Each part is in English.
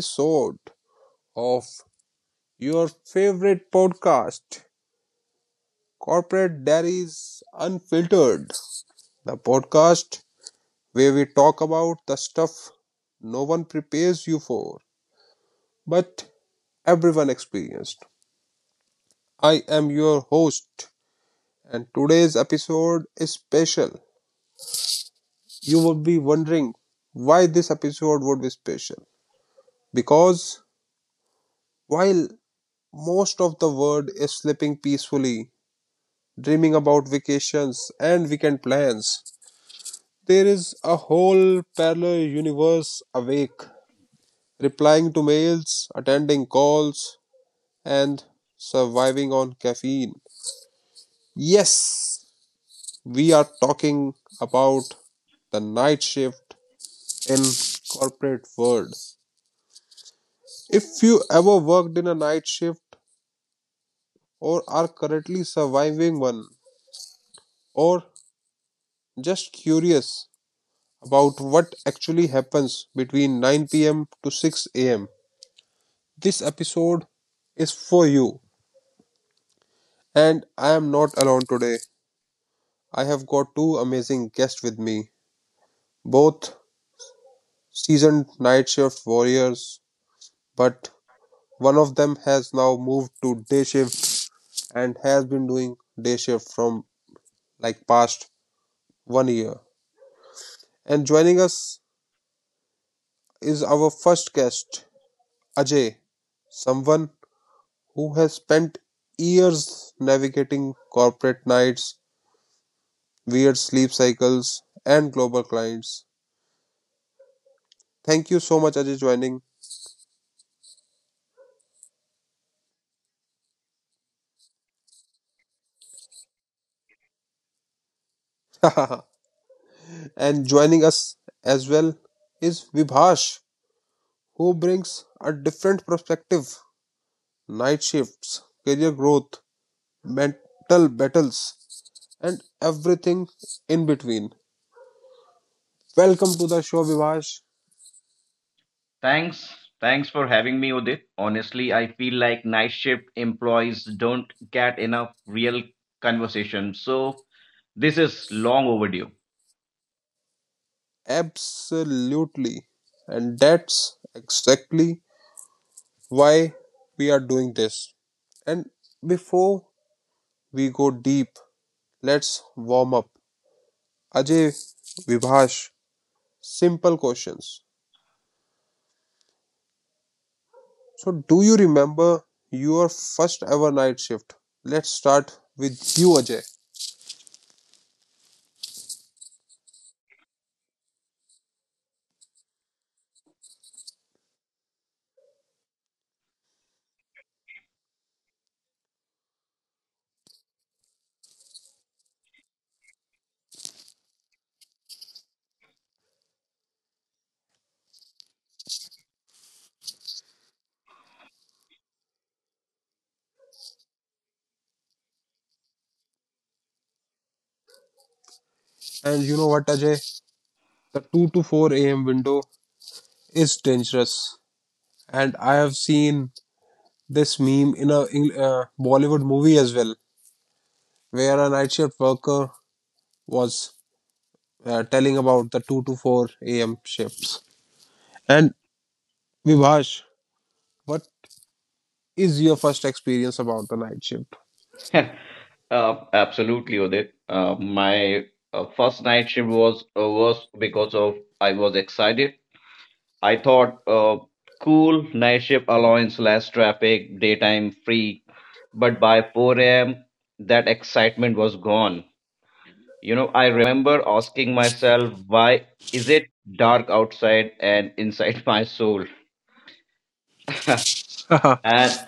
episode of your favorite podcast, Corporate Diaries Unfiltered, the podcast where we talk about the stuff no one prepares you for, but everyone experienced. I am your host, and today's episode is special. You will be wondering why this episode would be special, because while most of the world is sleeping peacefully, dreaming about vacations and weekend plans, there is a whole parallel universe awake, replying to mails, attending calls, and surviving on caffeine. Yes, we are talking about the night shift in corporate world. If you ever worked in a night shift, or are currently surviving one, or just curious about what actually happens between 9 p.m. to 6 am, this episode is for you, and I am not alone today. I have got two amazing guests with me, both seasoned night shift warriors, but one of them has now moved to day shift and has been doing day shift from like past one year. And joining us is our first guest, Ajay, someone who has spent years navigating corporate nights, weird sleep cycles, and global clients. Thank you so much, Ajay, joining. And joining us as well is Vibhash, who brings a different perspective: night shifts, career growth, mental battles, and everything in between. Welcome to the show, Vibhash. Thanks. Thanks for having me, Udit. Honestly, I feel like night shift employees don't get enough real conversation, so this is long overdue. Absolutely. And that's exactly why we are doing this. And before we go deep, let's warm up. Ajay, Vibhash, simple questions. So, do you remember your first ever night shift? Let's start with you, Ajay. And you know what, Ajay? The 2 to 4 a.m. window is dangerous. And I have seen this meme in a Bollywood movie as well, where a night shift worker was telling about the 2 to 4 a.m. shifts. And Vivash, what is your first experience about the night shift? Absolutely, Udit. My first night shift was because of I was excited. I thought, cool, night shift allowance, less traffic, daytime free. But by 4 a.m., that excitement was gone. You know, I remember asking myself, why is it dark outside and inside my soul? And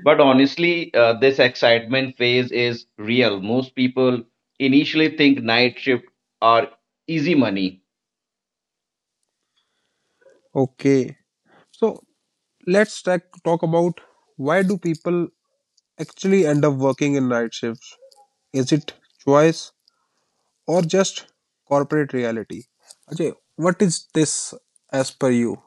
but honestly, this excitement phase is real. Most people initially think night shift are easy money. Okay. So let's talk about why do people actually end up working in night shifts. Is it choice or just corporate reality? Ajay, what is this as per you?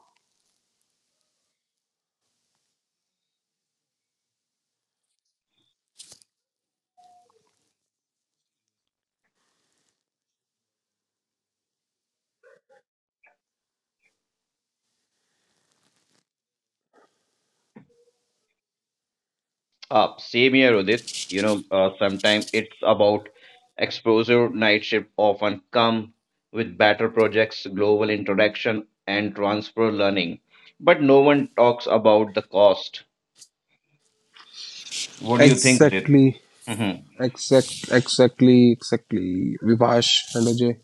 Same here, Udit. Sometimes it's about exposure. Night shift often come with better projects, global interaction, and transfer learning. But no one talks about the cost. What do you think of it? Exactly. Hmm. Exactly, Vivash and Ajay.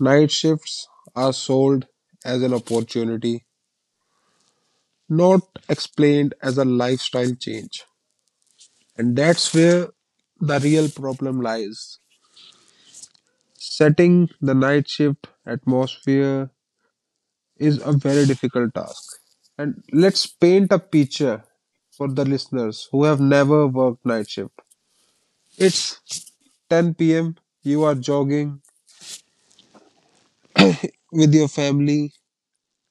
Night shifts are sold as an opportunity, not explained as a lifestyle change. And that's where the real problem lies. Setting the night shift atmosphere is a very difficult task. And let's paint a picture for the listeners who have never worked night shift. It's 10 p.m., you are jogging with your family,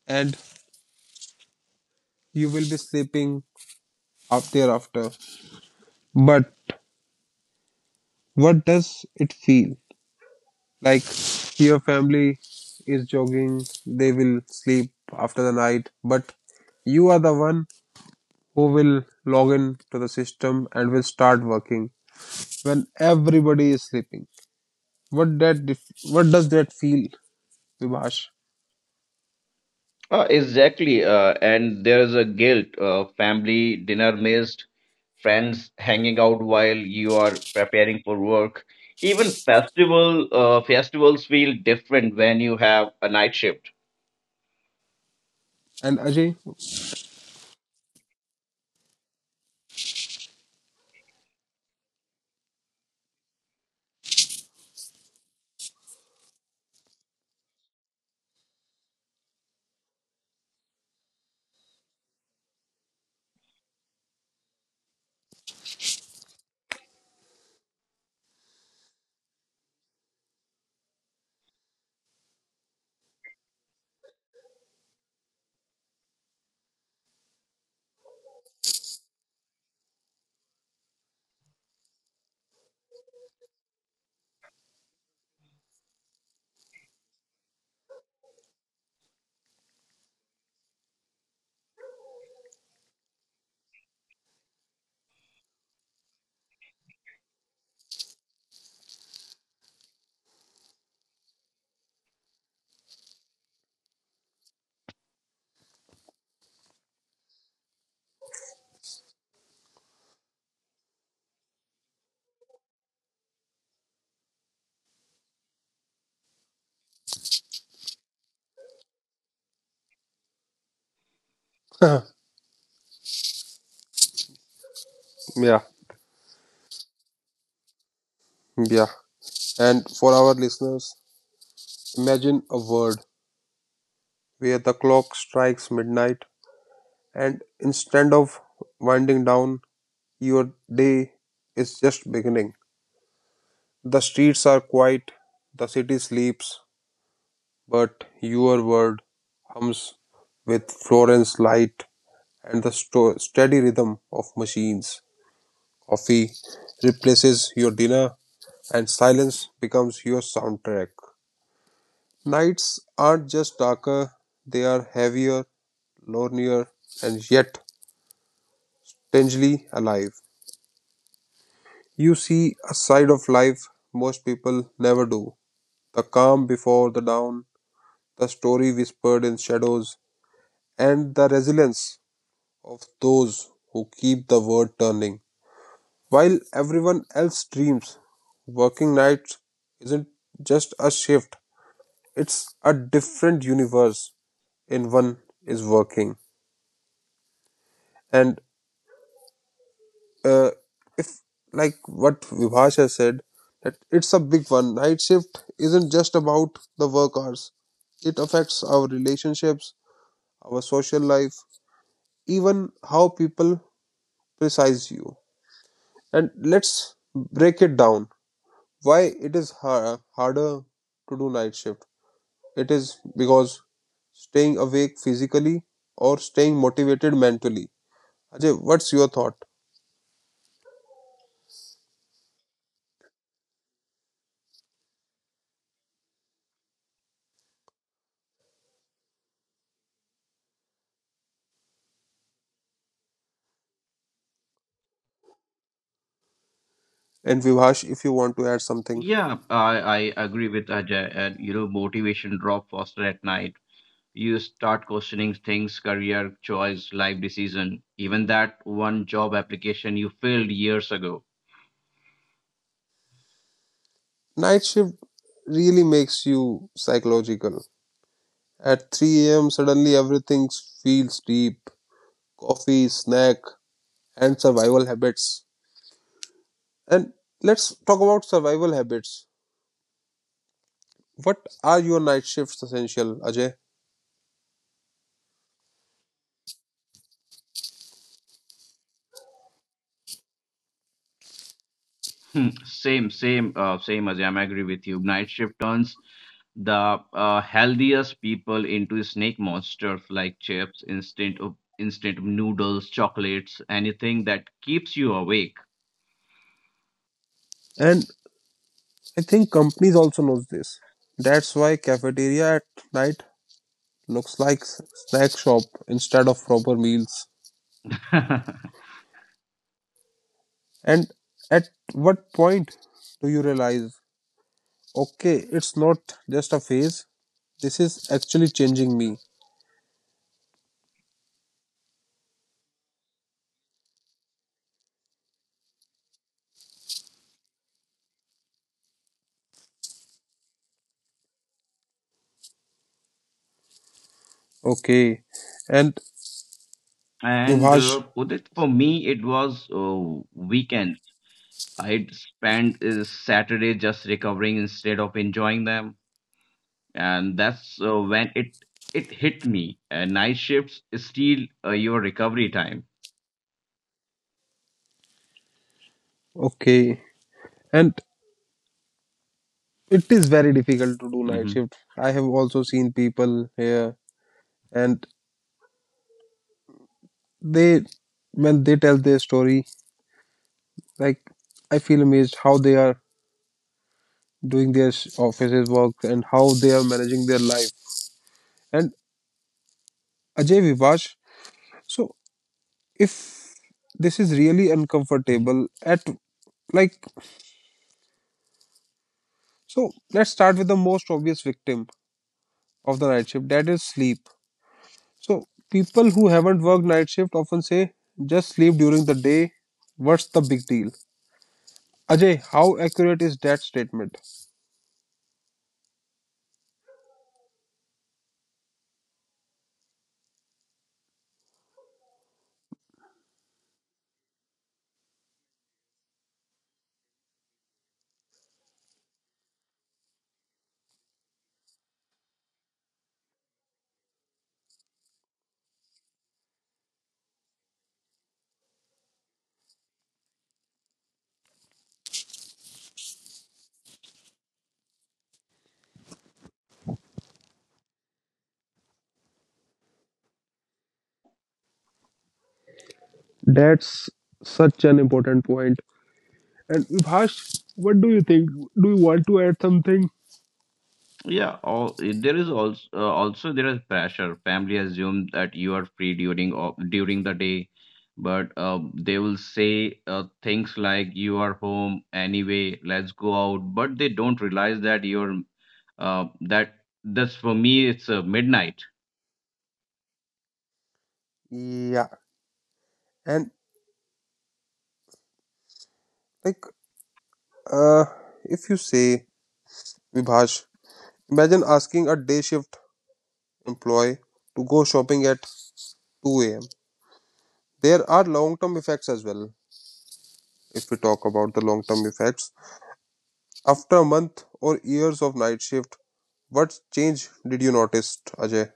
and you will be sleeping up thereafter. But what does it feel like? Your family is jogging, they will sleep after the night, but you are the one who will log in to the system and will start working when everybody is sleeping. What does that feel, Vibhash Exactly. And there is a guilt, family dinner missed, friends hanging out while you are preparing for work. Even festivals feel different when you have a night shift. and Ajay? Yeah, yeah. And for our listeners, imagine a world where the clock strikes midnight, and instead of winding down, your day is just beginning. The streets are quiet, the city sleeps, but your world hums with Florence light and the steady rhythm of machines. Coffee replaces your dinner, and silence becomes your soundtrack. Nights aren't just darker, they are heavier, lonelier, and yet strangely alive. You see a side of life most people never do: the calm before the dawn, the story whispered in shadows, and the resilience of those who keep the world turning. While everyone else dreams, working nights isn't just a shift, it's a different universe in one is working. And uh, if, like what Vibhash has said, that it's a big one. Night shift isn't just about the work hours, it affects our relationships, our social life, even how people precise you. And let's break it down. Why it is harder to do night shift? It is because staying awake physically or staying motivated mentally. Ajay, what's your thought? And Vivash, if you want to add something, Yeah, I agree with Ajay. And you know, motivation drop faster at night. You start questioning things, career choice, life decision, even that one job application you filled years ago. night shift really makes you psychological. At 3 a.m., suddenly everything feels deep. Coffee, snack, and survival habits. And let's talk about survival habits. What are your night shifts essential, Ajay? Hmm. Same, as I'm agree with you. Night shift turns the healthiest people into snake monsters like chips, instant noodles, chocolates, anything that keeps you awake. And I think companies also knows this. That's why cafeteria at night looks like snack shop instead of proper meals. And at what point do you realize, okay, it's not just a phase, this is actually changing me? Okay. And And Vibhash, Udit, for me, it was weekend. I'd spend Saturday just recovering instead of enjoying them, and that's when it hit me. Night shifts steal your recovery time. okay. And it is very difficult to do night Hmm. shift. I have also seen people here, and they, when they tell their story, like I feel amazed how they are doing their offices work and how they are managing their life. And Ajay, Vivash, so if this is really uncomfortable at, like, so let's start with the most obvious victim of the night shift, that is sleep. So people who haven't worked night shift often say, just sleep during the day, what's the big deal? Ajay, how accurate is that statement? That's such an important point. And Vibhash, what do you think? Do you want to add something? Yeah, all, there is also there is pressure. Family assumes that you are free during during the day, but they will say things like you are home anyway. Let's go out, but they don't realize that you're that that's for me. It's midnight. Yeah, and like, uh, if you say, Vibhash, imagine asking a day shift employee to go shopping at 2 a.m. There are long term effects as well. If we talk about the long term effects, after a month or years of night shift, what change did you notice, Ajay?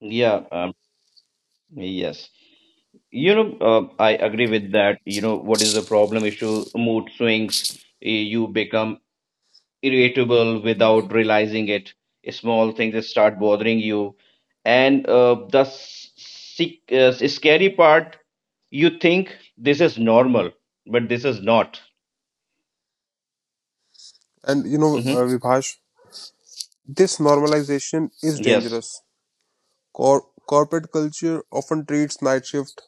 Yeah, um, yes. You know, I agree with that. You know, what is the problem issue? Mood swings. You become irritable without realizing it. Small things that start bothering you, and the scary part, you think this is normal, but this is not. And you know, Mm-hmm. Vibhash, this normalization is Yes. dangerous. Corporate culture often treats night shift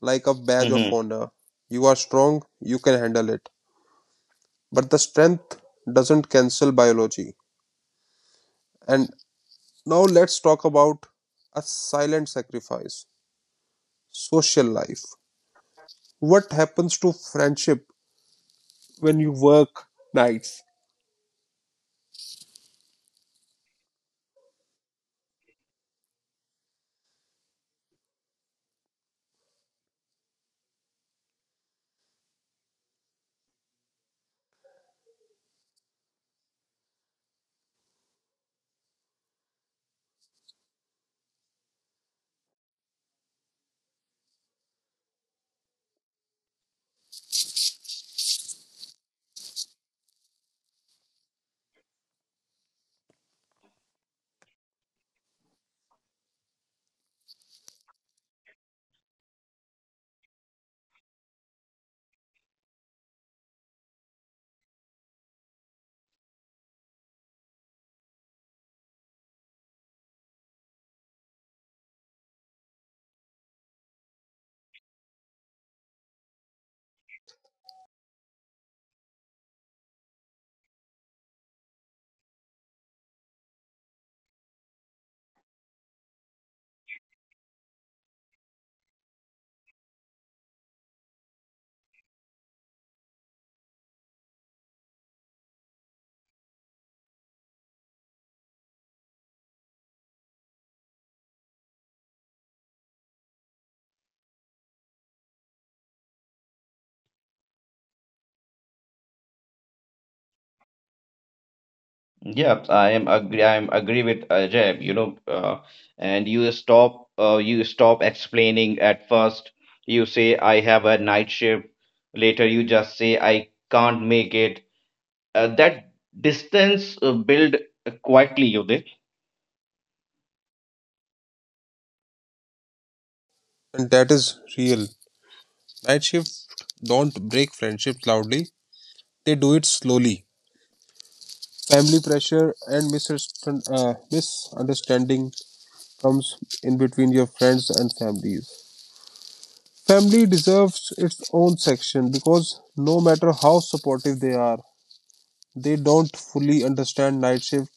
like a badge of Mm-hmm. honor. You are strong, you can handle it. But the strength doesn't cancel biology. And now let's talk about a silent sacrifice: social life. What happens to friendship when you work nights? Yeah, I am agree. I am agree with Ajay. And you stop. You stop explaining at first. You say I have a night shift. Later, you just say I can't make it. That distance build quietly, Uday. And that is real. Night shifts don't break friendships loudly, they do it slowly. Family pressure and misunderstanding comes in between your friends and families. Family deserves its own section, because no matter how supportive they are, they don't fully understand night shift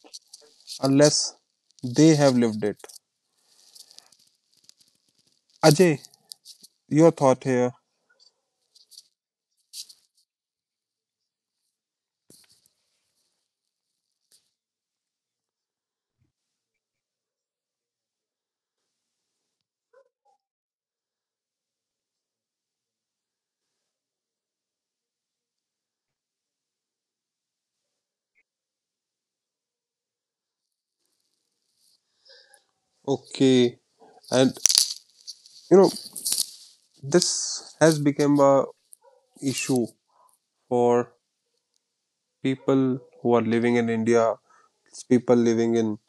unless they have lived it. Ajay, your thought here. Okay. And you know, this has become a issue for people who are living in India, people living in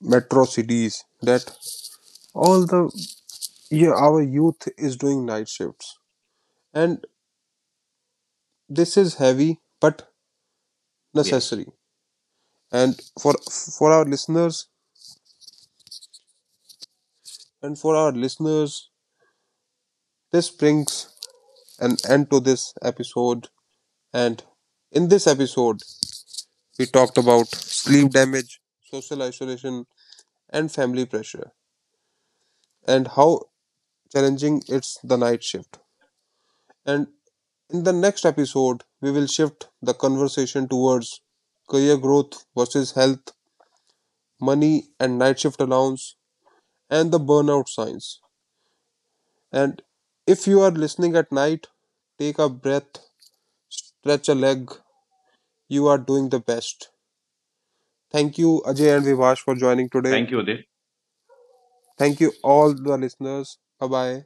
metro cities, that all the, yeah, our youth is doing night shifts, and this is heavy but Yes. necessary. And for our listeners, and for our listeners, this brings an end to this episode. And in this episode, we talked about sleep damage, social isolation, and family pressure, and how challenging it's the night shift. And in the next episode, we will shift the conversation towards career growth versus health, money, and night shift allowance, and the burnout signs. And if you are listening at night, take a breath, stretch a leg. You are doing the best. Thank you, Ajay and Vivash, for joining today. Thank you, Udit. Thank you, all the listeners. Bye bye.